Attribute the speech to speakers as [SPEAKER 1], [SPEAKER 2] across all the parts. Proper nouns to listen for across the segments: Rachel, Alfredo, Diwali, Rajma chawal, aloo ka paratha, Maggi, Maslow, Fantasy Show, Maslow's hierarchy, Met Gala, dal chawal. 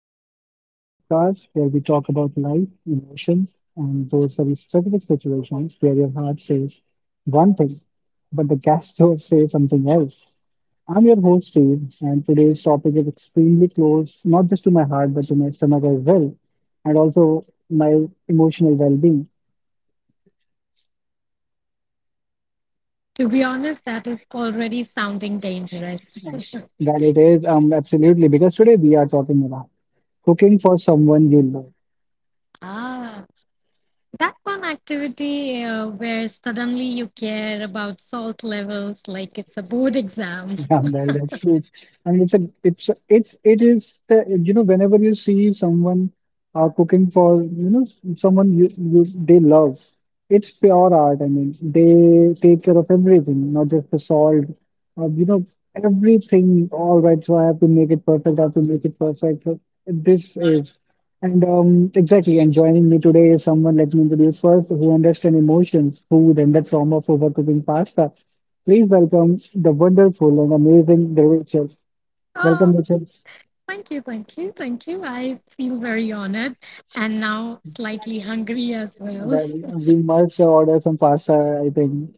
[SPEAKER 1] Welcome back to the podcast where we talk about life, emotions, and those very specific situations where your heart says one thing, but the gas stove says something else. I'm your host, Steve, and today's topic is extremely close, not just to my heart, but to my stomach as well, and also my emotional well being.
[SPEAKER 2] To be honest, that is already sounding dangerous.
[SPEAKER 1] That it is, absolutely, because today we are talking about cooking for someone you love.
[SPEAKER 2] Ah, that one activity where suddenly you care about salt levels like it's a board exam.
[SPEAKER 1] Yeah, well, that's true. And it's a, it's, a- it's, it is the, you know, whenever you see someone cooking for, you know, someone they love, it's pure art. I mean, they take care of everything, not just the salt, you know, everything. All right, so I have to make it perfect. I have to make it perfect. So This is, and exactly, and joining me today is someone, let me introduce first, who understands emotions, food, and the trauma of overcooking pasta. Please welcome the wonderful and amazing Rachel.
[SPEAKER 2] Oh,
[SPEAKER 1] Welcome, Rachel.
[SPEAKER 2] thank you, thank you, thank you. I feel very honored and now slightly hungry as well.
[SPEAKER 1] Well, we must order some pasta, I think.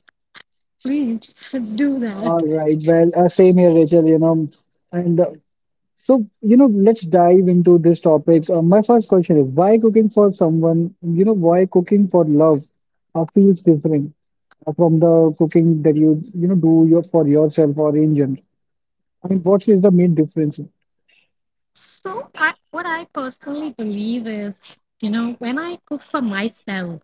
[SPEAKER 2] Please do that.
[SPEAKER 1] All right. Well, same here, Rachel, you know. And So, you know, let's dive into these topics. My first question is why cooking for love feels different from the cooking that you for yourself or in general? I mean, what is the main difference?
[SPEAKER 2] So, I, what I personally believe is, you know, when I cook for myself,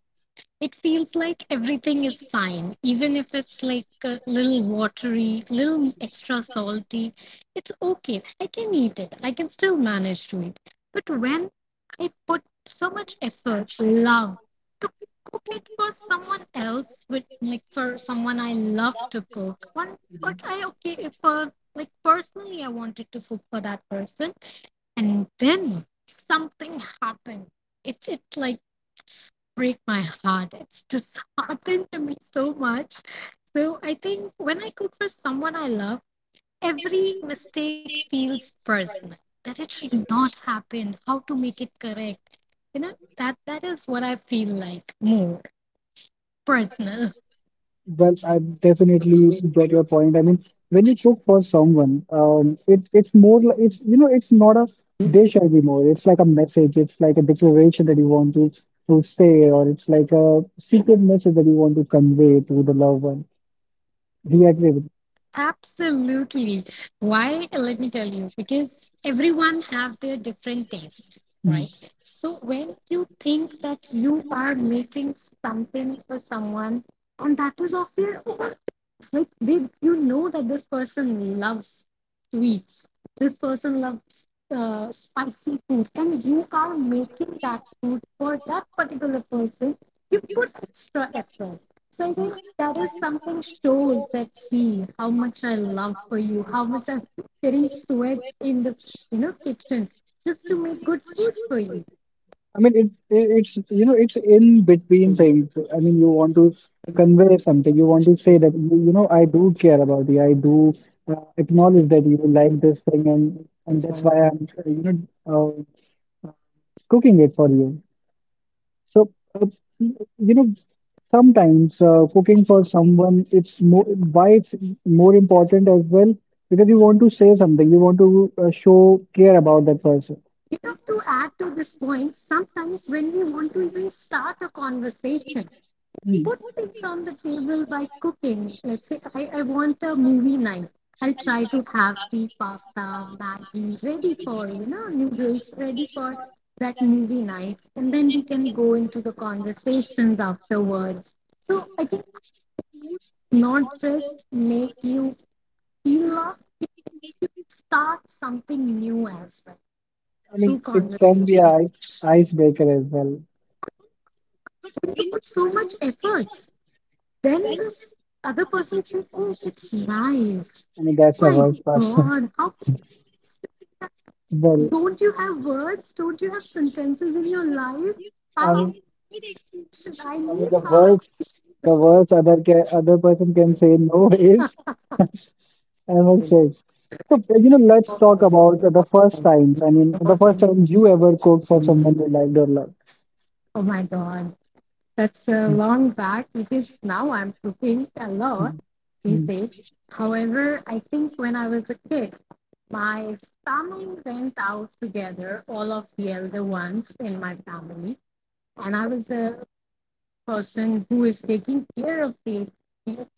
[SPEAKER 2] it
[SPEAKER 1] Mm.
[SPEAKER 2] feels like everything is fine even if it's like a little watery little extra salty it's okay I can eat it I can still manage to eat but when I put so much effort love to cook it for someone else with like for someone I love to cook one but I okay for like personally I wanted to cook for that person and then something happened it like break my heart. It's disheartened to me so much. So I think when I cook for someone I love, every mistake feels personal. That it should not happen. How to make it correct. You know that is what I feel like more personal.
[SPEAKER 1] Well, I definitely get your point. I mean, when you cook for someone, it's more like it's you know it's not a dish anymore. It's like a message. It's like a declaration that you want to say, or it's like a secret message that you want to convey to the loved one. Do you agree with?
[SPEAKER 2] Absolutely. Why? Let me tell you, because everyone have their different taste, right? So when you think that you are making something for someone and that is of their own, it's like they, you know that this person loves sweets, this person loves spicy food, and you are making that food for that particular person, you put extra effort. So I think that is something shows that see how much I love for you, how much I'm getting sweat in the you know kitchen just to make good food for you.
[SPEAKER 1] I mean, it's you know it's in between
[SPEAKER 2] You
[SPEAKER 1] things. I mean, you want to convey something. You want to say that you know I do care about you. I do acknowledge that you like this thing, and that's why I'm uh, uh, cooking it for you. So uh, you know sometimes cooking for someone it's more important as well because you want to say something. You want to show care about that person.
[SPEAKER 2] know, to add to this point, sometimes when we want to even start a conversation,
[SPEAKER 1] Mm.
[SPEAKER 2] put things on the table by cooking. Let's say I want a movie night. I'll try to have the pasta, Maggi ready for, you know, noodles ready for that movie night. And then we can go into the conversations afterwards. So I think not just make you feel loved, you start something new as well
[SPEAKER 1] I mean,
[SPEAKER 2] through
[SPEAKER 1] it can be a
[SPEAKER 2] conversation.
[SPEAKER 1] ice icebreaker as well.
[SPEAKER 2] You
[SPEAKER 1] I
[SPEAKER 2] put so much efforts Then this other person say, "Oh, it's nice.
[SPEAKER 1] mean, that's the
[SPEAKER 2] My
[SPEAKER 1] worst part.
[SPEAKER 2] God, how can
[SPEAKER 1] Well,
[SPEAKER 2] don't you have words? Don't you have sentences in your life?
[SPEAKER 1] I
[SPEAKER 2] How
[SPEAKER 1] mean,
[SPEAKER 2] should I
[SPEAKER 1] I mean
[SPEAKER 2] live? How it?
[SPEAKER 1] the worst other person can say no is. I'm okay. So, you know, let's talk about the first times. I mean, the first time you ever cooked for someone you liked or loved.
[SPEAKER 2] Oh my God, that's a
[SPEAKER 1] Mm,
[SPEAKER 2] long back because now I'm cooking a lot
[SPEAKER 1] mm,
[SPEAKER 2] these days. However, I think when I was a kid, my family went out together, all of the elder ones in my family, and I was the person who is taking care of the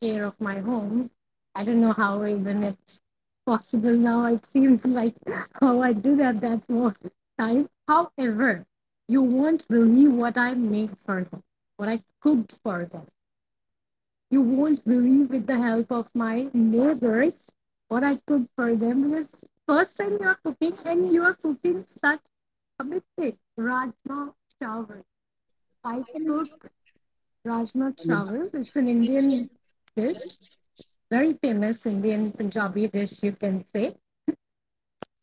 [SPEAKER 2] care of my home. I don't know how even it's possible now. It seems like how I do that one time. However, you won't believe what I made for them, what I cooked for them. You won't believe with the help of my neighbors what I cooked for them because first time you are cooking and you are cooking such a big thing. Rajma chawal. I cooked Rajma
[SPEAKER 1] mm.
[SPEAKER 2] chawal. It's an Indian dish, very famous Indian Punjabi dish, you can say.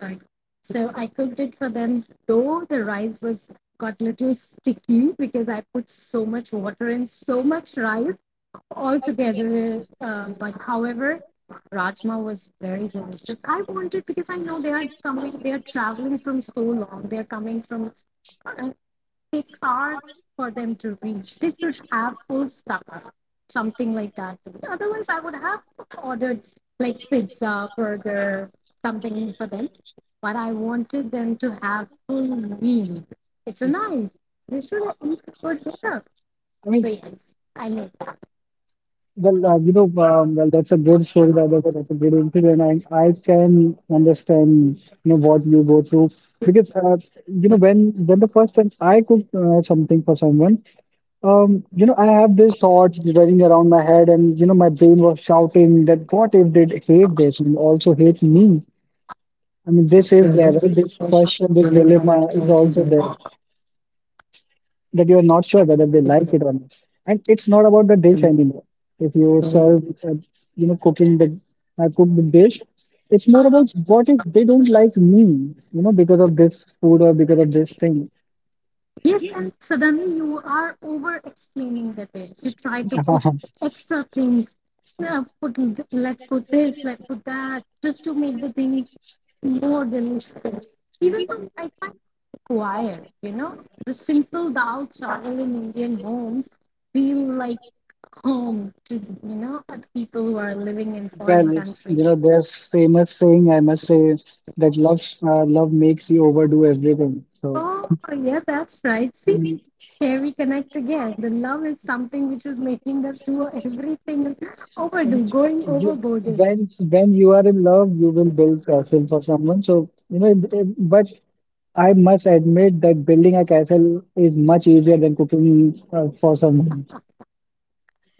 [SPEAKER 2] Sorry. So I cooked it for them, though the rice was got little sticky because I put so much water and so much rice all together. But however, rajma was very delicious. I wanted because I know they are coming, they are traveling from so long. They are coming from uh, takes hours for them to reach. They should have full stomach, something like that. Otherwise, I would have ordered like pizza, burger, something for them. But I wanted them to have full meal. It's a night. They should eat for dinner.
[SPEAKER 1] I
[SPEAKER 2] So
[SPEAKER 1] mean,
[SPEAKER 2] yes, I made that.
[SPEAKER 1] well, you know, well, that's a great story, by the way. That's a great incident, and I can understand, you know, what you go through because, you know, when the first time I cook something for someone, you know, I have these thoughts running around my head, and you know, my brain was shouting that what if they hate this and also hate me? I mean, this is there, right? This question, this
[SPEAKER 2] Really like
[SPEAKER 1] dilemma is also there that you are not sure whether they like it or not. And it's not about the dish anymore. If you serve, you know, cook the dish, it's more about what if they don't like me, you know, because of this food or because of this thing.
[SPEAKER 2] Yes, and suddenly you are over explaining the dish. You try to put extra things. Let's put this, let's put that, just to make the thing more delicious. Even though I find it required, you know, the simple dal chawal in Indian homes feel like home to you know the people who are living in foreign
[SPEAKER 1] Well, you know,
[SPEAKER 2] countries.
[SPEAKER 1] there's famous saying I must say that love makes you overdo everything. So
[SPEAKER 2] Oh yeah, that's right. See, here we connect again. The love is something which is making us do everything
[SPEAKER 1] And
[SPEAKER 2] overdo, going
[SPEAKER 1] you
[SPEAKER 2] overboard.
[SPEAKER 1] when you are in love you will build castle for someone so you know but I must admit that building a castle is much easier than cooking for someone,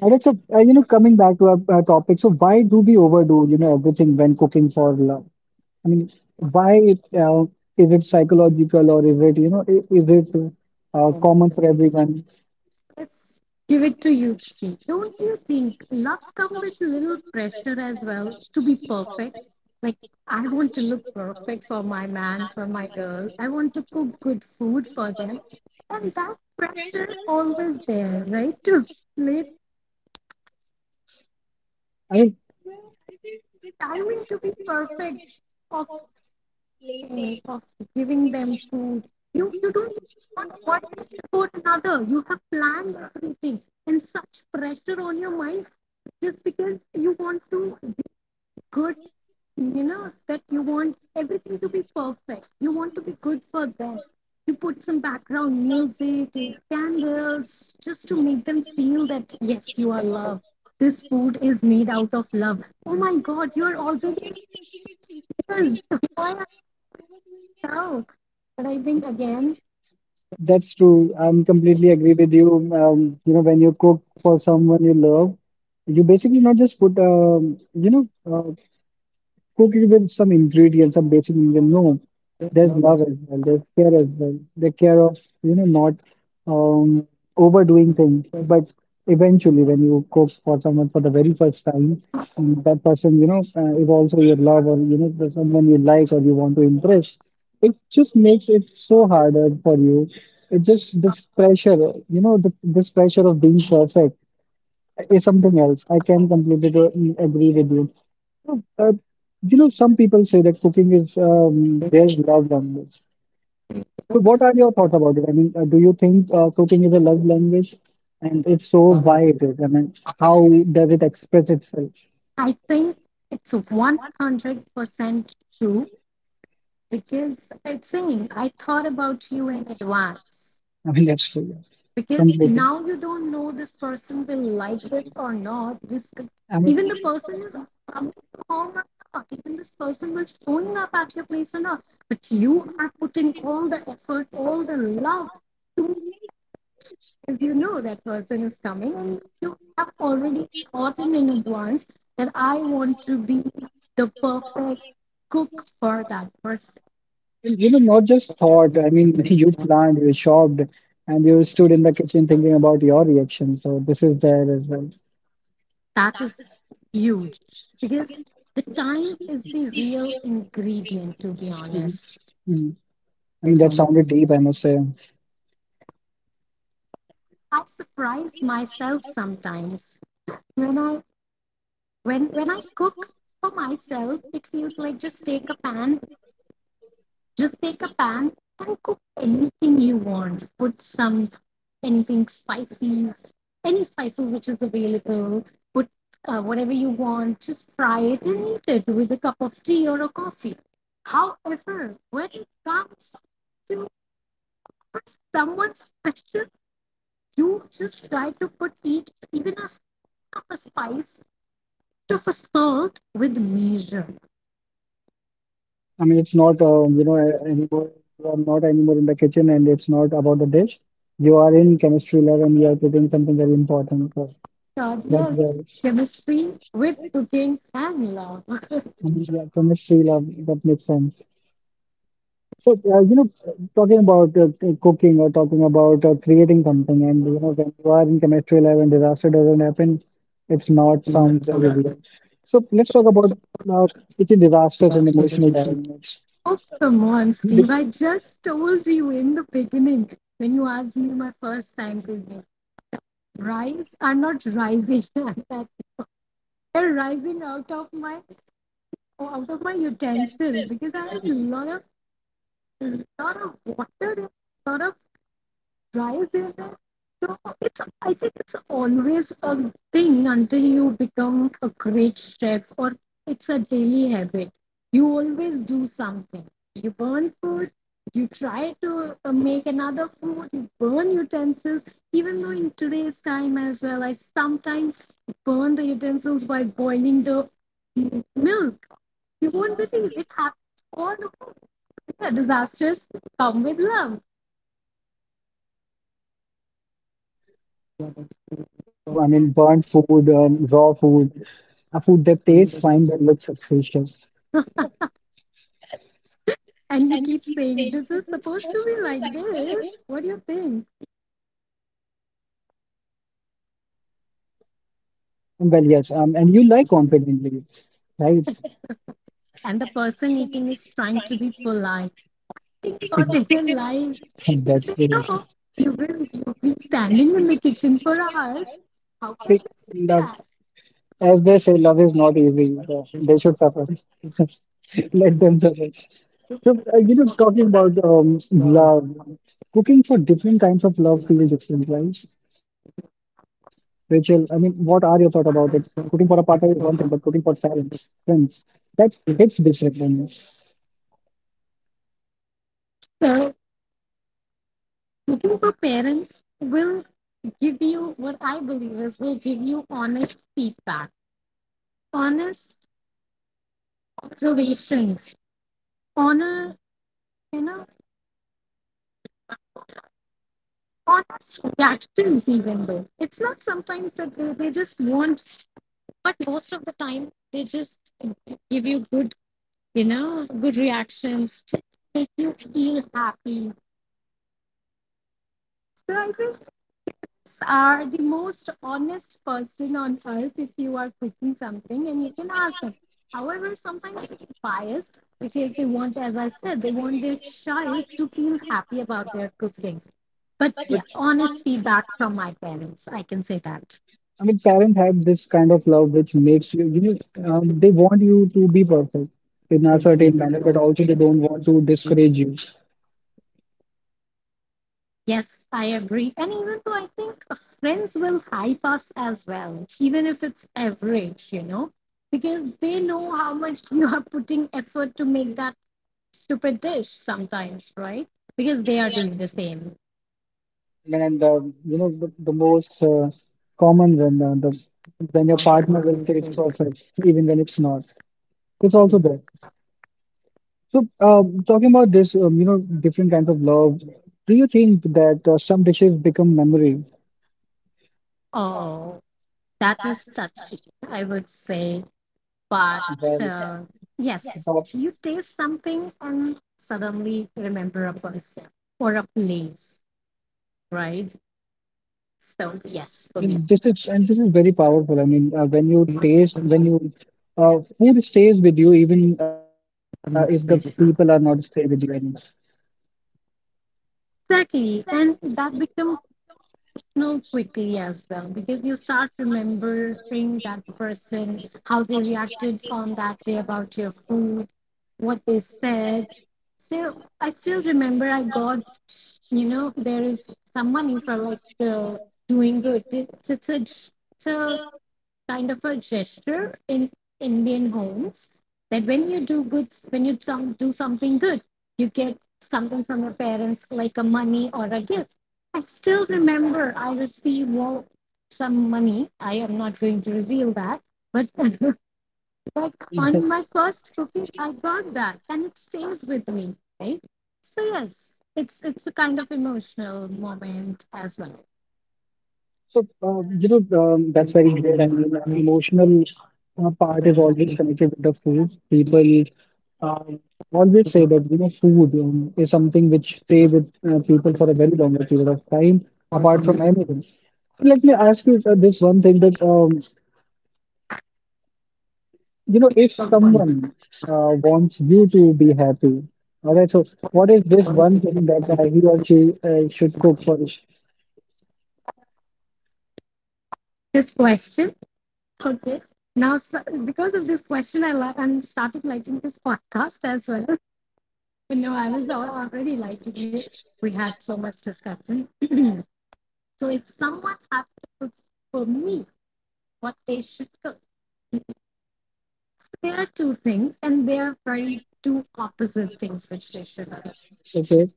[SPEAKER 1] and it's a you know, coming back to our topic. So why do we overdo you know everything when cooking for love? I mean, why it, uh, is it psychological or is it is it common for everyone?
[SPEAKER 2] Let's give it to you three. Don't you think loves come with a little pressure as well to be perfect? Like, I want to look perfect for my man, for my girl. I want to cook good food for them. And that pressure always there, right? To play,
[SPEAKER 1] I mean,
[SPEAKER 2] I want to be perfect Of thing of giving them food. You don't want one dish before another. You have planned everything and such pressure on your mind just because you want to be good, you know, that you want everything to be perfect. You want to be good for them. You put some background music and candles just to make them feel that yes, you are loved. This food is made out of love. Oh my God, you are already in tears. Why are no, but I think again,
[SPEAKER 1] that's true. I'm completely agree with you. You know, when you cook for someone you love, you basically not just put, cooking with some ingredients, some basic ingredients. No, there's love as well. There's care as well. The care of you know not um, overdoing things. But eventually, when you cook for someone for the very first time, and that person you know is also your love or you know the someone you like or you want to impress, it just makes it so harder for you. It just this pressure, you know, this pressure of being perfect is something else. I can completely agree with you. So, you know, some people say that cooking is their love language. So, what are your thoughts about it? I mean, do you think cooking is a love language? And if so, why it is? I mean, how does it express itself?
[SPEAKER 2] I think it's 100% true because it's saying I thought about you in advance
[SPEAKER 1] I mean, that's so yeah,
[SPEAKER 2] because
[SPEAKER 1] completely.
[SPEAKER 2] now you don't know this person will like this or not. This could-
[SPEAKER 1] I mean,
[SPEAKER 2] even the person is coming home or not. Even this person will showing up at your place or not. But you are putting all the effort, all the love to because you know that person is coming and you have already thought in advance that I want to be the perfect cook for that person.
[SPEAKER 1] and, you know, not just thought. I mean, you planned, you shopped, and you stood in the kitchen thinking about your reaction. So this is there as well.
[SPEAKER 2] That is huge because the time is the real ingredient, to be honest.
[SPEAKER 1] Mm. I mean,
[SPEAKER 2] That's
[SPEAKER 1] that
[SPEAKER 2] on the day.
[SPEAKER 1] sounded deep, I must say.
[SPEAKER 2] I surprise myself sometimes when I when I cook for myself. It feels like just take a pan Just take a pan and cook anything you want. Put some anything spices, any spices which is available. Put whatever you want. Just fry it and eat it with a cup of tea or a coffee. However, when it comes to someone special, you just try to put each even a spoon of a spice of a salt with measure.
[SPEAKER 1] I mean, it's not, anymore, you are not anymore in the kitchen and it's not about the dish. You are in chemistry lab and you are putting something very important. So
[SPEAKER 2] God,
[SPEAKER 1] that's
[SPEAKER 2] yes,
[SPEAKER 1] the.
[SPEAKER 2] chemistry with cooking and love.
[SPEAKER 1] I mean, yeah, chemistry lab, that makes sense. So, you know, talking about cooking or talking about creating something, and you know, when you are in chemistry lab and disaster doesn't happen, it's
[SPEAKER 2] Lord,
[SPEAKER 1] not
[SPEAKER 2] come
[SPEAKER 1] sound very weird. So let's talk about uh, kitchen
[SPEAKER 2] last
[SPEAKER 1] disasters and
[SPEAKER 2] generation.
[SPEAKER 1] emotional dynamics.
[SPEAKER 2] Oh, come on, Steve. I just told you in the beginning when you asked me my first time to name. Rise are not rising like that. They're rising out of my utensil because I have a lot of water, a lot of dries in it. So it's I think it's always a thing until you become a great chef or it's a daily habit. You always do something. You burn food, you try to make another food, you burn utensils. Even though in today's time as well, I sometimes burn the utensils by boiling the milk. You won't believe it happens all over. Yeah, disasters come with love.
[SPEAKER 1] Well,
[SPEAKER 2] Yeah,
[SPEAKER 1] yeah,
[SPEAKER 2] that's
[SPEAKER 1] that's true. I mean,
[SPEAKER 2] what
[SPEAKER 1] burnt food, raw food, a food that
[SPEAKER 2] I
[SPEAKER 1] tastes
[SPEAKER 2] find
[SPEAKER 1] fine
[SPEAKER 2] that
[SPEAKER 1] but
[SPEAKER 2] love
[SPEAKER 1] looks atrocious.
[SPEAKER 2] and you keep saying this is supposed to be like this what do you think
[SPEAKER 1] Well, yes, and you like confidently, right?
[SPEAKER 2] and the person eating is trying to be polite for their life because
[SPEAKER 1] That's
[SPEAKER 2] they
[SPEAKER 1] delicious.
[SPEAKER 2] know you will you've been standing in the kitchen for hours how can
[SPEAKER 1] Like,
[SPEAKER 2] they say
[SPEAKER 1] love,
[SPEAKER 2] that
[SPEAKER 1] as they say, love is not easy. They should suffer. Let them suffer. So, you know, talking about love, cooking for different kinds of love feels different, right? Rachel, I mean, what are your thoughts about it? Cooking for a partner is one thing, but cooking for parents, friends, that hits different. I mean.
[SPEAKER 2] so cooking for parents will give you what I believe is will give you honest feedback honest observations honor you know honest reactions even though it's not sometimes that they just want but most of the time they just give you good you know good reactions just make you feel happy so I think are the most honest person on earth if you are cooking something and you can ask them however sometimes they get biased because they want as I said they want their child to feel happy about their cooking but
[SPEAKER 1] But
[SPEAKER 2] yeah honest feedback from my parents I can say that
[SPEAKER 1] I mean, parents have this kind of love which makes you, you know, they want you to be perfect in a certain manner, but also they don't want to discourage you.
[SPEAKER 2] Yes, I agree. And even though I think friends will hype us as well, even if it's average, you know, because they know how much you are putting effort to make that stupid dish sometimes, right? Because they are doing the same.
[SPEAKER 1] And you know, the most common when the when your partner will say it's perfect, even when it's not, it's also there. So, talking about this, you know, different kinds of love, do you think that some dishes become memories?
[SPEAKER 2] Oh, that is touchy, I would say. But
[SPEAKER 1] Well,
[SPEAKER 2] uh, yes,
[SPEAKER 1] but-
[SPEAKER 2] you taste something and suddenly remember a person or a place, right? So yes, for me.
[SPEAKER 1] and this is very powerful. I mean, when you taste, when you food stays with you, even if the people are not staying with you anymore.
[SPEAKER 2] Exactly. And that becomes personal quickly as well because you start remembering that person, how they reacted on that day about your food, what they said. So I still remember I got, you know, there is some money for like the doing good. It's a kind of a gesture in Indian homes that when you do good, when you some, do something good, you get something from your parents, like a money or a gift. I still remember I received some money. I am not going to reveal that, but like on my first cooking, I got that, and it stays with me, right? So yes, it's a kind of emotional moment as well.
[SPEAKER 1] So, you know, that's
[SPEAKER 2] Very
[SPEAKER 1] very
[SPEAKER 2] cool.
[SPEAKER 1] great. I
[SPEAKER 2] And
[SPEAKER 1] mean,
[SPEAKER 2] you know,
[SPEAKER 1] emotional part is always connected with the food. People um, always say that, you know, food is something which stay with people for a very longer period of time,
[SPEAKER 2] apart
[SPEAKER 1] apart
[SPEAKER 2] from
[SPEAKER 1] from
[SPEAKER 2] it,
[SPEAKER 1] anything. So let me ask you this one thing that, you know, if
[SPEAKER 2] someone,
[SPEAKER 1] someone wants you to be happy, all right, so what is this
[SPEAKER 2] one
[SPEAKER 1] one
[SPEAKER 2] thing that
[SPEAKER 1] thing that
[SPEAKER 2] I
[SPEAKER 1] he or she should cook for you?
[SPEAKER 2] this question. Okay. Because of this question, I'm starting liking this podcast as well. You know, already liking it. We had so much discussion. So, if someone had to cook for me, what they should cook, so there are two things, and they are very two opposite things which they should cook.
[SPEAKER 1] Okay,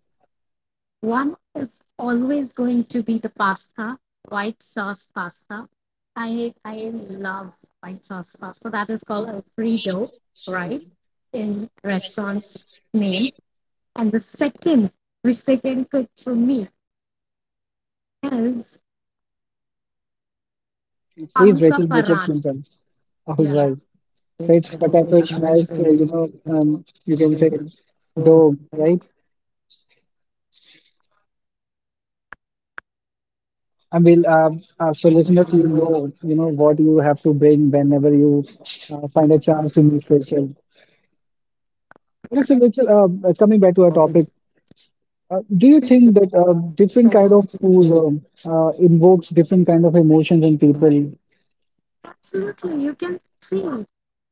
[SPEAKER 2] One is always going to be the pasta, white sauce pasta. I love white sauce pasta. That is called Alfredo, right? In restaurants name. And the second, which they can cook for me, is
[SPEAKER 1] please,
[SPEAKER 2] aloo ka
[SPEAKER 1] Rachel, make it
[SPEAKER 2] paratha.
[SPEAKER 1] simple. All
[SPEAKER 2] Yeah,
[SPEAKER 1] right. Right, Fatafresh smells, you can say dough, right? I mean, so listeners, you know what you have to bring whenever you find a chance to meet Rachel. Alright, so Rachel, coming back to our topic,
[SPEAKER 2] absolutely.
[SPEAKER 1] do you think that different kind of food invokes different kind of emotions in people?
[SPEAKER 2] You can see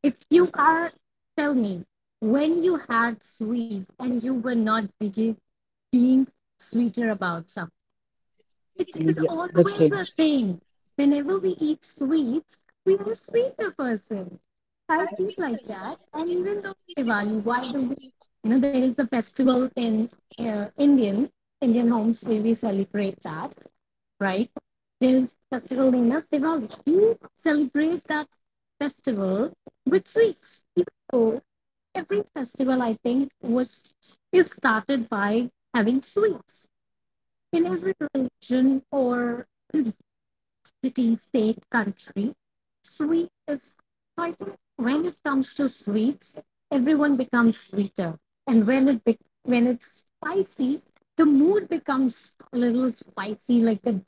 [SPEAKER 2] if you are. Tell me when you had sweet and you were not being sweeter about something. It
[SPEAKER 1] I mean,
[SPEAKER 2] is
[SPEAKER 1] yeah, that's
[SPEAKER 2] always
[SPEAKER 1] it.
[SPEAKER 2] a thing. Whenever we eat sweets, we are a sweeter person. I feel like that. And even though Diwali, why do we? You know, there is the festival in uh, Indian Indian homes where we celebrate that, right? There is a festival named as Diwali. We celebrate that festival with sweets. Even though every festival, I think, was is started by having sweets in every religion or city, state, country. Sweet is, I think, when it comes to sweets, everyone becomes sweeter, and when it's spicy, the mood becomes a little spicy, like the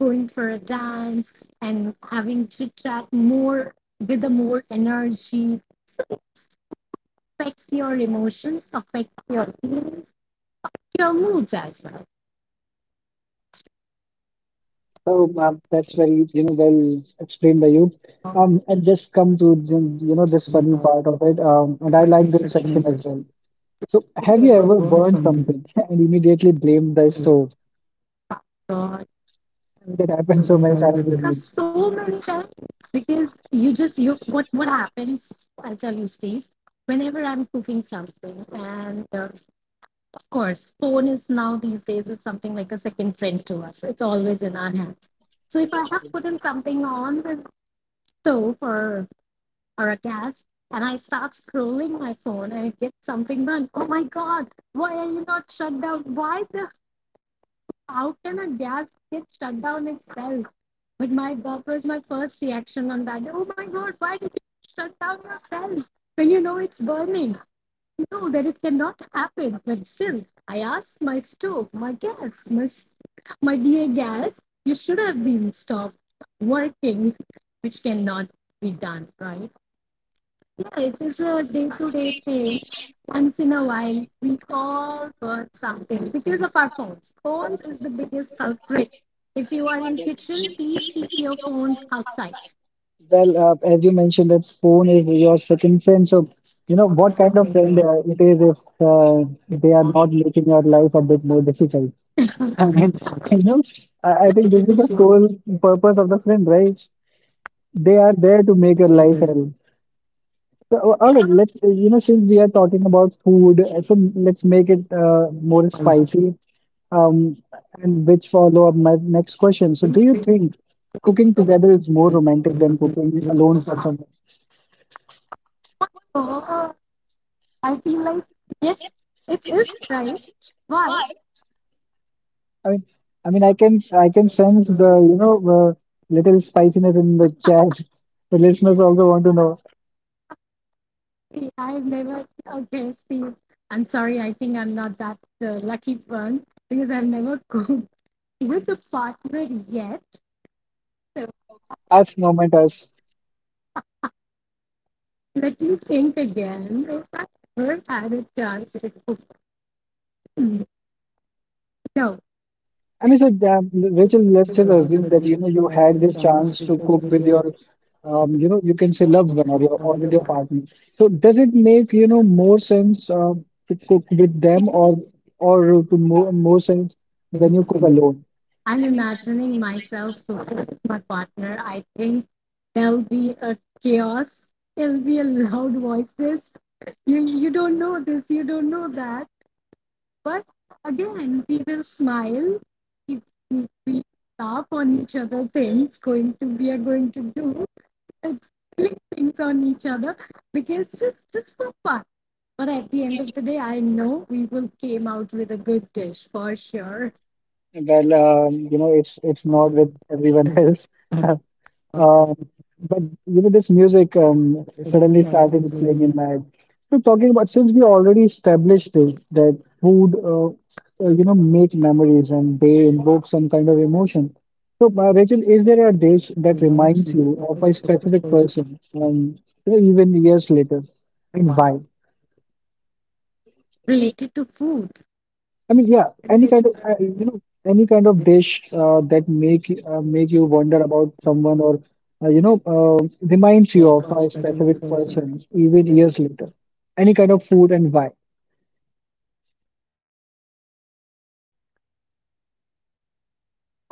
[SPEAKER 2] going for a dance and having chit chat more with a more energy affects your emotions, affects your feelings, your moods as well.
[SPEAKER 1] So that's very you know well explained by you. And just come to you know this funny part of it. And
[SPEAKER 2] I
[SPEAKER 1] I
[SPEAKER 2] like
[SPEAKER 1] like
[SPEAKER 2] this
[SPEAKER 1] this
[SPEAKER 2] section
[SPEAKER 1] section
[SPEAKER 2] is
[SPEAKER 1] as well. So have
[SPEAKER 2] okay,
[SPEAKER 1] you
[SPEAKER 2] we're
[SPEAKER 1] ever
[SPEAKER 2] going
[SPEAKER 1] burned
[SPEAKER 2] something.
[SPEAKER 1] something and immediately blamed the stove?
[SPEAKER 2] God.
[SPEAKER 1] That
[SPEAKER 2] So
[SPEAKER 1] happens so
[SPEAKER 2] many
[SPEAKER 1] many
[SPEAKER 2] times
[SPEAKER 1] times
[SPEAKER 2] with
[SPEAKER 1] with
[SPEAKER 2] me,
[SPEAKER 1] me.
[SPEAKER 2] so many times, because you just you what happens? I'll tell you, Steve. Whenever I'm cooking something, and of course, phone is now these days is something like a second friend to us. It's always in our hands. So if I have put in something on the stove or a gas, and I start scrolling my phone, and I get something done. Oh my God! Why are you not shut down? Why the how can a gas get shut down itself? But my that was my first reaction on that. Oh my god, why did you shut down yourself when you know it's burning? You know that it cannot happen. But still, I asked my stove, my gas, my dear gas, you should have been stopped working, which cannot be done, right? Yeah, it is a day to day thing. Once in a while, we call for something because of our phones. Phones is the biggest culprit. If you are in kitchen, please keep your phones outside.
[SPEAKER 1] Well, as you mentioned, that phone is your second friend. So you know what kind of friend it is if uh, they are not making your life a bit more difficult. I mean, you know, I think this is the sole purpose of the friend, right? They are there to make your life hell. So, all right, you know, since we are talking about food, so let's make it more spicy, um, and which follow up my next question. So, do you think cooking together is more romantic than cooking alone for someone?
[SPEAKER 2] Oh, I feel like yes, it is right. Why?
[SPEAKER 1] I mean, I mean, I can sense the, uh, little spiciness in the chat. The listeners also want to know.
[SPEAKER 2] Yeah, I've never, okay, Steve. I'm sorry, I think I'm not that lucky one because I've never cooked with a partner yet. So
[SPEAKER 1] Us, moment, us.
[SPEAKER 2] let me think again if I ever had a chance to cook. Mm, no,
[SPEAKER 1] I mean, so that, Rachel, let's just assume that you know you
[SPEAKER 2] I
[SPEAKER 1] had this chance to cook with your, you know, you can say loved one or with your partner. So does it make you know more sense to cook with
[SPEAKER 2] think
[SPEAKER 1] them or to more sense when you cook alone?
[SPEAKER 2] I'm imagining myself cooking with my partner. I think there'll be a chaos, there'll be a loud voices, you don't know this, you don't know that, but again we will smile if we laugh on each other things going to, we are going to do like silly things on each other because just for fun, but at the end of the day I know we will came out with a good dish for sure,
[SPEAKER 1] Well, you know, it's
[SPEAKER 2] all
[SPEAKER 1] not
[SPEAKER 2] the
[SPEAKER 1] with everyone
[SPEAKER 2] things.
[SPEAKER 1] else.
[SPEAKER 2] Um,
[SPEAKER 1] Um, but you know, this music
[SPEAKER 2] I almost
[SPEAKER 1] suddenly
[SPEAKER 2] have a
[SPEAKER 1] started playing
[SPEAKER 2] dream
[SPEAKER 1] in
[SPEAKER 2] that
[SPEAKER 1] my head. So talking about since we already established this that food, you know, make memories and they invoke some kind of emotion. So, Rachel, is there a dish that
[SPEAKER 2] reminds
[SPEAKER 1] reminds
[SPEAKER 2] me
[SPEAKER 1] you
[SPEAKER 2] of
[SPEAKER 1] of
[SPEAKER 2] a
[SPEAKER 1] a
[SPEAKER 2] special
[SPEAKER 1] specific
[SPEAKER 2] person
[SPEAKER 1] person, you know, even years later, and why?
[SPEAKER 2] related to food.
[SPEAKER 1] I mean, yeah,
[SPEAKER 2] Any
[SPEAKER 1] any
[SPEAKER 2] kind of
[SPEAKER 1] kind of any kind of dish that make you wonder about someone or uh, you know uh, reminds you of
[SPEAKER 2] Lord
[SPEAKER 1] a
[SPEAKER 2] special
[SPEAKER 1] specific
[SPEAKER 2] forces.
[SPEAKER 1] person even years later. Any kind of food and why?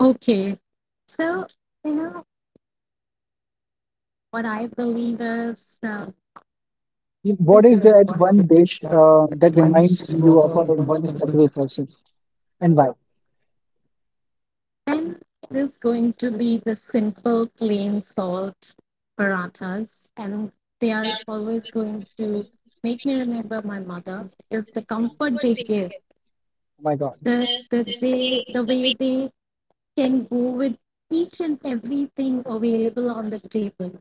[SPEAKER 2] Okay. So, you know, what I believe is
[SPEAKER 1] I mean, what is
[SPEAKER 2] then
[SPEAKER 1] that one dish that reminds you of a, one specific person and why?
[SPEAKER 2] it is going to be the simple, plain salt parathas. And they are always going to make me remember my mother is the
[SPEAKER 1] Oh
[SPEAKER 2] comfort they give,
[SPEAKER 1] my God!
[SPEAKER 2] the way they can go with each and everything available on the table.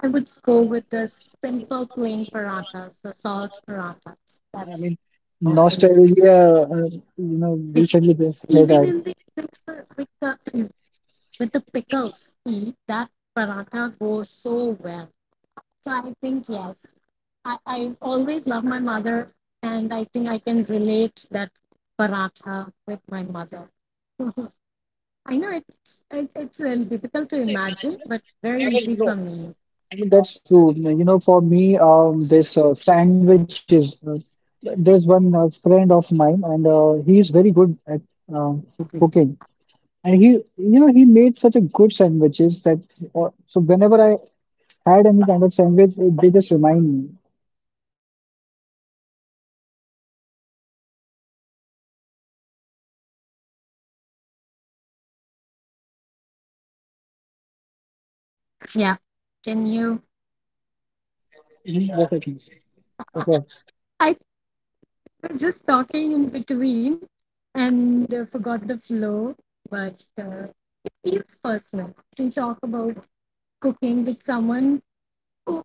[SPEAKER 2] I would go with the simple, plain parathas, the salt parathas.
[SPEAKER 1] I
[SPEAKER 2] That's
[SPEAKER 1] mean, nostalgia. Uh, you know, recently just hit
[SPEAKER 2] even in
[SPEAKER 1] us.
[SPEAKER 2] the even with the pickles, see, that paratha goes so well. So I think yes, I always love my mother, and I think I can relate that paratha with my mother. I know it's a little difficult to imagine, but very easy for me.
[SPEAKER 1] I mean, that's true. You know, for me, this sandwiches. There's one friend of mine, and he's very good at um,
[SPEAKER 2] Okay,
[SPEAKER 1] cooking. And he, you know, he made such a good sandwiches that so whenever I had any kind of sandwich, it, they just remind me.
[SPEAKER 2] yeah, can you?
[SPEAKER 1] Yes, I can. Yeah.
[SPEAKER 2] I, we were just talking in between and forgot the flow, but it feels personal to talk about cooking with someone who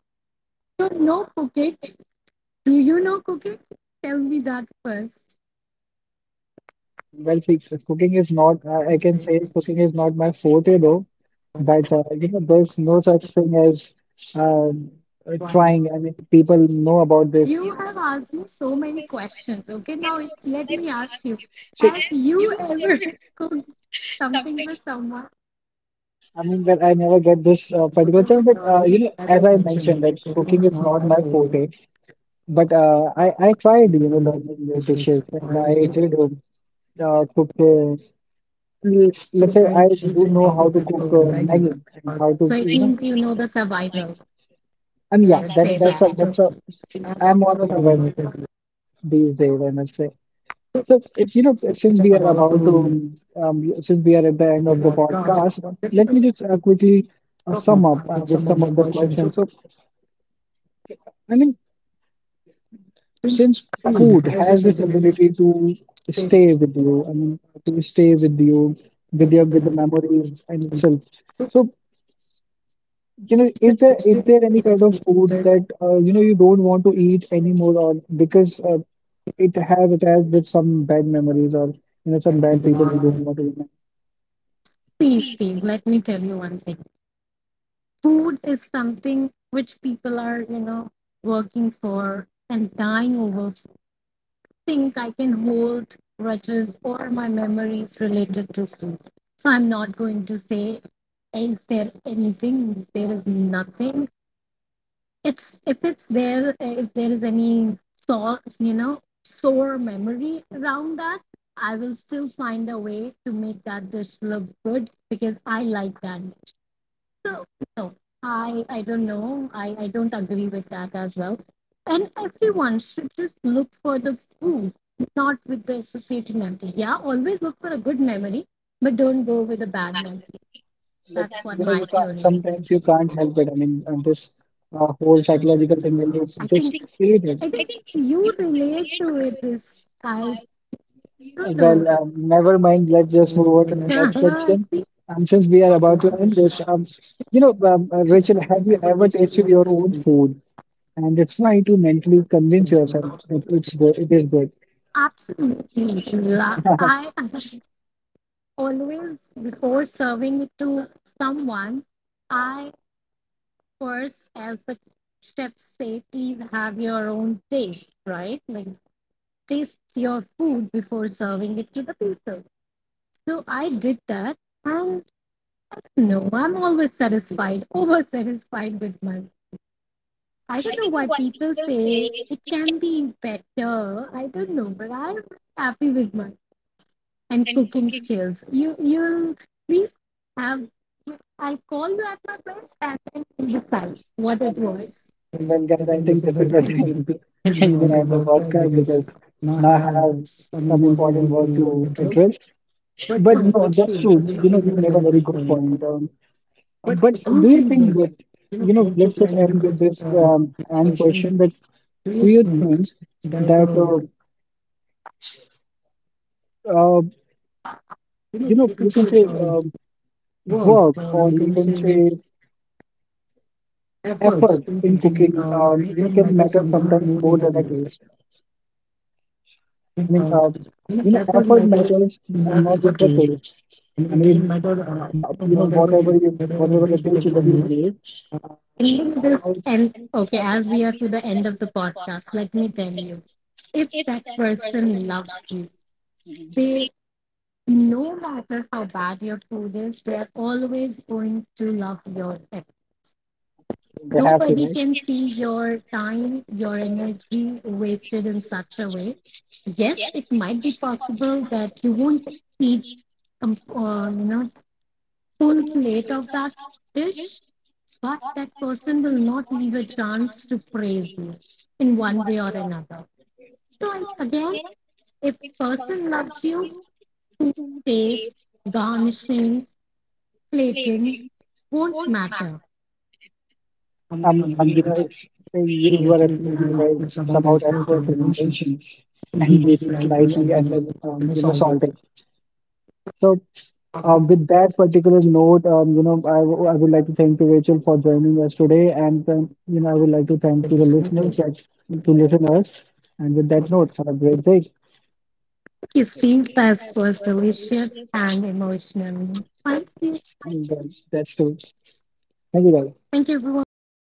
[SPEAKER 2] you know cooking. Do you know cooking? Tell me that first.
[SPEAKER 1] Well, see, cooking is not.
[SPEAKER 2] I
[SPEAKER 1] I
[SPEAKER 2] can
[SPEAKER 1] can
[SPEAKER 2] say
[SPEAKER 1] say
[SPEAKER 2] that
[SPEAKER 1] cooking is not my forte though.
[SPEAKER 2] uh,
[SPEAKER 1] But you know, there's no such thing as um, trying. I mean, people know about this.
[SPEAKER 2] you have asked me so many questions. Okay, now it's, let me ask you:
[SPEAKER 1] See,
[SPEAKER 2] have you ever cooked something for someone?
[SPEAKER 1] I mean, well, I never get this
[SPEAKER 2] Because
[SPEAKER 1] particular
[SPEAKER 2] of
[SPEAKER 1] chance, but
[SPEAKER 2] you
[SPEAKER 1] you
[SPEAKER 2] know,
[SPEAKER 1] know,
[SPEAKER 2] as
[SPEAKER 1] as
[SPEAKER 2] I
[SPEAKER 1] I
[SPEAKER 2] mentioned,
[SPEAKER 1] mentioned, that
[SPEAKER 2] that cooking
[SPEAKER 1] cooking
[SPEAKER 2] is
[SPEAKER 1] is
[SPEAKER 2] not
[SPEAKER 1] not
[SPEAKER 2] my
[SPEAKER 1] my
[SPEAKER 2] forte.
[SPEAKER 1] forte. But uh, I tried, you know,
[SPEAKER 2] Learning
[SPEAKER 1] learning new dishes,
[SPEAKER 2] issues.
[SPEAKER 1] and I
[SPEAKER 2] Why?
[SPEAKER 1] did cook. L- let's
[SPEAKER 2] So
[SPEAKER 1] say
[SPEAKER 2] I
[SPEAKER 1] I
[SPEAKER 2] we
[SPEAKER 1] do
[SPEAKER 2] know
[SPEAKER 1] know
[SPEAKER 2] how to
[SPEAKER 1] how to
[SPEAKER 2] get the
[SPEAKER 1] cook Maggi
[SPEAKER 2] magnet.
[SPEAKER 1] and how
[SPEAKER 2] So
[SPEAKER 1] to,
[SPEAKER 2] it
[SPEAKER 1] you know,
[SPEAKER 2] means you know the survival.
[SPEAKER 1] I mean, yeah,
[SPEAKER 2] Let's
[SPEAKER 1] that's
[SPEAKER 2] say
[SPEAKER 1] that's
[SPEAKER 2] that.
[SPEAKER 1] a that's a.
[SPEAKER 2] I want
[SPEAKER 1] I'm on a
[SPEAKER 2] survival
[SPEAKER 1] survival
[SPEAKER 2] method.
[SPEAKER 1] these days, I must say. So, if you know,
[SPEAKER 2] So
[SPEAKER 1] since
[SPEAKER 2] we are
[SPEAKER 1] we are
[SPEAKER 2] about
[SPEAKER 1] about
[SPEAKER 2] to make
[SPEAKER 1] to, since we are at the end of the
[SPEAKER 2] podcast.
[SPEAKER 1] podcast,
[SPEAKER 2] Let
[SPEAKER 1] let me
[SPEAKER 2] us
[SPEAKER 1] just quickly sum
[SPEAKER 2] come
[SPEAKER 1] up
[SPEAKER 2] up with
[SPEAKER 1] with
[SPEAKER 2] some of
[SPEAKER 1] some
[SPEAKER 2] the
[SPEAKER 1] of the
[SPEAKER 2] questions. So
[SPEAKER 1] questions. So, I mean,
[SPEAKER 2] since
[SPEAKER 1] since
[SPEAKER 2] food
[SPEAKER 1] food
[SPEAKER 2] has
[SPEAKER 1] has
[SPEAKER 2] this
[SPEAKER 1] this
[SPEAKER 2] ability
[SPEAKER 1] ability
[SPEAKER 2] to
[SPEAKER 1] to
[SPEAKER 2] stay
[SPEAKER 1] stay with you, I mean, to stay with you, with
[SPEAKER 2] with
[SPEAKER 1] your
[SPEAKER 2] the
[SPEAKER 1] with the
[SPEAKER 2] number,
[SPEAKER 1] memories and itself.
[SPEAKER 2] so
[SPEAKER 1] So, you know, is there
[SPEAKER 2] is
[SPEAKER 1] is
[SPEAKER 2] there a
[SPEAKER 1] there any
[SPEAKER 2] kind of
[SPEAKER 1] kind of
[SPEAKER 2] food
[SPEAKER 1] food
[SPEAKER 2] that
[SPEAKER 1] that you know you don't want to eat anymore, or because it has attached with some bad memories or you know some
[SPEAKER 2] has
[SPEAKER 1] bad
[SPEAKER 2] been
[SPEAKER 1] people you
[SPEAKER 2] available?
[SPEAKER 1] don't want to remember?
[SPEAKER 2] Please, Steve, let me tell you one thing. Food is something which people are you know working for and dying over food. I think I can hold grudges or my memories related to food, so I'm not going to say is there anything, there is nothing. It's if it's there, if there is any sore, you know, sore memory around that, I will still find a way to make that dish look good because I like that dish. No, no, I don't know. I don't agree with that as well. And everyone should just look for the food, not with the associated memory. Yeah, always look for a good memory, but don't go with a bad memory.
[SPEAKER 1] But
[SPEAKER 2] That's what
[SPEAKER 1] you know,
[SPEAKER 2] my
[SPEAKER 1] you can't.
[SPEAKER 2] theory is.
[SPEAKER 1] Sometimes you can't help it. I mean, and this whole psychological thing that you
[SPEAKER 2] I
[SPEAKER 1] just
[SPEAKER 2] think
[SPEAKER 1] created.
[SPEAKER 2] I think you relate to it. This I don't
[SPEAKER 1] Well,
[SPEAKER 2] know.
[SPEAKER 1] never mind. Let's just move on to the next
[SPEAKER 2] I
[SPEAKER 1] section.
[SPEAKER 2] see.
[SPEAKER 1] Since we are about to end this,
[SPEAKER 2] Should
[SPEAKER 1] Rachel,
[SPEAKER 2] have you
[SPEAKER 1] have you
[SPEAKER 2] ever
[SPEAKER 1] ever
[SPEAKER 2] tasted
[SPEAKER 1] tasted
[SPEAKER 2] your
[SPEAKER 1] your own
[SPEAKER 2] own
[SPEAKER 1] food and try to mentally convince yourself
[SPEAKER 2] food?
[SPEAKER 1] that it's good, it is good?
[SPEAKER 2] Absolutely. La- I always, before serving it to someone, I first, as the chefs say, please have your own taste, right? Like, taste your food before serving it to the people. So I did that. And no, I'm always satisfied, over satisfied with my. I don't know why people say it can be better. I don't know, but I'm happy with mine. And cooking skills. You you'll please have. I call you at my place and then we decide what it was. I
[SPEAKER 1] Well, guys, I
[SPEAKER 2] think this
[SPEAKER 1] think
[SPEAKER 2] is
[SPEAKER 1] this
[SPEAKER 2] the
[SPEAKER 1] is the
[SPEAKER 2] time
[SPEAKER 1] time to,
[SPEAKER 2] to
[SPEAKER 1] you know,
[SPEAKER 2] learn
[SPEAKER 1] end the
[SPEAKER 2] about that
[SPEAKER 1] podcast
[SPEAKER 2] because
[SPEAKER 1] because
[SPEAKER 2] now I
[SPEAKER 1] now I
[SPEAKER 2] have
[SPEAKER 1] have
[SPEAKER 2] some
[SPEAKER 1] some
[SPEAKER 2] important
[SPEAKER 1] important
[SPEAKER 2] work
[SPEAKER 1] work
[SPEAKER 2] to
[SPEAKER 1] to
[SPEAKER 2] address.
[SPEAKER 1] address.
[SPEAKER 2] But
[SPEAKER 1] But no,
[SPEAKER 2] let's see,
[SPEAKER 1] that's true.
[SPEAKER 2] I
[SPEAKER 1] You know,
[SPEAKER 2] mean,
[SPEAKER 1] you
[SPEAKER 2] that's a
[SPEAKER 1] made a
[SPEAKER 2] very
[SPEAKER 1] very
[SPEAKER 2] big
[SPEAKER 1] good
[SPEAKER 2] point.
[SPEAKER 1] point.
[SPEAKER 2] But
[SPEAKER 1] But
[SPEAKER 2] I do
[SPEAKER 1] do
[SPEAKER 2] you
[SPEAKER 1] you
[SPEAKER 2] think
[SPEAKER 1] think
[SPEAKER 2] that,
[SPEAKER 1] that,
[SPEAKER 2] you
[SPEAKER 1] you
[SPEAKER 2] know,
[SPEAKER 1] know,
[SPEAKER 2] let's
[SPEAKER 1] let's
[SPEAKER 2] just
[SPEAKER 1] just
[SPEAKER 2] end
[SPEAKER 1] end
[SPEAKER 2] with
[SPEAKER 1] with
[SPEAKER 2] this
[SPEAKER 1] this and
[SPEAKER 2] question
[SPEAKER 1] question
[SPEAKER 2] that
[SPEAKER 1] that
[SPEAKER 2] do you
[SPEAKER 1] do you
[SPEAKER 2] think
[SPEAKER 1] think
[SPEAKER 2] that,
[SPEAKER 1] that, uh,
[SPEAKER 2] you know,
[SPEAKER 1] you know,
[SPEAKER 2] you can
[SPEAKER 1] you can
[SPEAKER 2] say
[SPEAKER 1] say
[SPEAKER 2] work,
[SPEAKER 1] work or
[SPEAKER 2] you
[SPEAKER 1] you
[SPEAKER 2] can
[SPEAKER 1] can
[SPEAKER 2] say
[SPEAKER 1] say
[SPEAKER 2] efforts
[SPEAKER 1] effort
[SPEAKER 2] in
[SPEAKER 1] in
[SPEAKER 2] thinking,
[SPEAKER 1] cooking,
[SPEAKER 2] we
[SPEAKER 1] you know,
[SPEAKER 2] can
[SPEAKER 1] can
[SPEAKER 2] matter
[SPEAKER 1] matter
[SPEAKER 2] sometimes
[SPEAKER 1] sometimes
[SPEAKER 2] more
[SPEAKER 1] more
[SPEAKER 2] than
[SPEAKER 1] than
[SPEAKER 2] it
[SPEAKER 1] a
[SPEAKER 2] is.
[SPEAKER 1] taste?
[SPEAKER 2] In,
[SPEAKER 1] I mean,
[SPEAKER 2] uh, in
[SPEAKER 1] you know,
[SPEAKER 2] effort
[SPEAKER 1] effort
[SPEAKER 2] matters
[SPEAKER 1] matters
[SPEAKER 2] more
[SPEAKER 1] and
[SPEAKER 2] than
[SPEAKER 1] not
[SPEAKER 2] the
[SPEAKER 1] just the
[SPEAKER 2] pace.
[SPEAKER 1] taste.
[SPEAKER 2] And
[SPEAKER 1] I
[SPEAKER 2] it
[SPEAKER 1] mean, it
[SPEAKER 2] doesn't
[SPEAKER 1] doesn't
[SPEAKER 2] matter
[SPEAKER 1] matter, you know,
[SPEAKER 2] whatever
[SPEAKER 1] whatever
[SPEAKER 2] you
[SPEAKER 1] you,
[SPEAKER 2] whatever it
[SPEAKER 1] whatever the
[SPEAKER 2] is, it
[SPEAKER 1] dish
[SPEAKER 2] doesn't
[SPEAKER 1] that you
[SPEAKER 2] matter.
[SPEAKER 1] made,
[SPEAKER 2] And then this
[SPEAKER 1] how
[SPEAKER 2] and okay, as we are to the end of the podcast, let me tell you, if that person loves you, they no matter how bad your food is, they are always going to love your
[SPEAKER 1] They have to,
[SPEAKER 2] nobody
[SPEAKER 1] right?
[SPEAKER 2] can see your time, your energy wasted in such a way. Yes, it might be possible that you won't eat, you know, full plate of that dish, but that person will not leave a chance to praise you in one way or another. So I, again, if person loves you, food taste, garnishing, plating won't matter. You
[SPEAKER 1] You know, you are absolutely
[SPEAKER 2] know,
[SPEAKER 1] right.
[SPEAKER 2] it's
[SPEAKER 1] It's
[SPEAKER 2] about our
[SPEAKER 1] about
[SPEAKER 2] thoughts
[SPEAKER 1] effort
[SPEAKER 2] and
[SPEAKER 1] and
[SPEAKER 2] emotions.
[SPEAKER 1] intentions, and
[SPEAKER 2] Baby
[SPEAKER 1] maybe
[SPEAKER 2] slightly
[SPEAKER 1] slightly under,
[SPEAKER 2] underneath the
[SPEAKER 1] you
[SPEAKER 2] finish
[SPEAKER 1] know,
[SPEAKER 2] on the
[SPEAKER 1] salted. So,
[SPEAKER 2] public
[SPEAKER 1] with that particular note, you know, I, w- I would like to thank you, Rachel, for joining us today, and you know, I would like to thank to the
[SPEAKER 2] television.
[SPEAKER 1] listeners that to listeners. And with that note, have a great day.
[SPEAKER 2] Thank you, Steve. That was delicious and emotional. Thank
[SPEAKER 1] And
[SPEAKER 2] you.
[SPEAKER 1] that's it. Thank you, guys.
[SPEAKER 2] Thank you, everyone.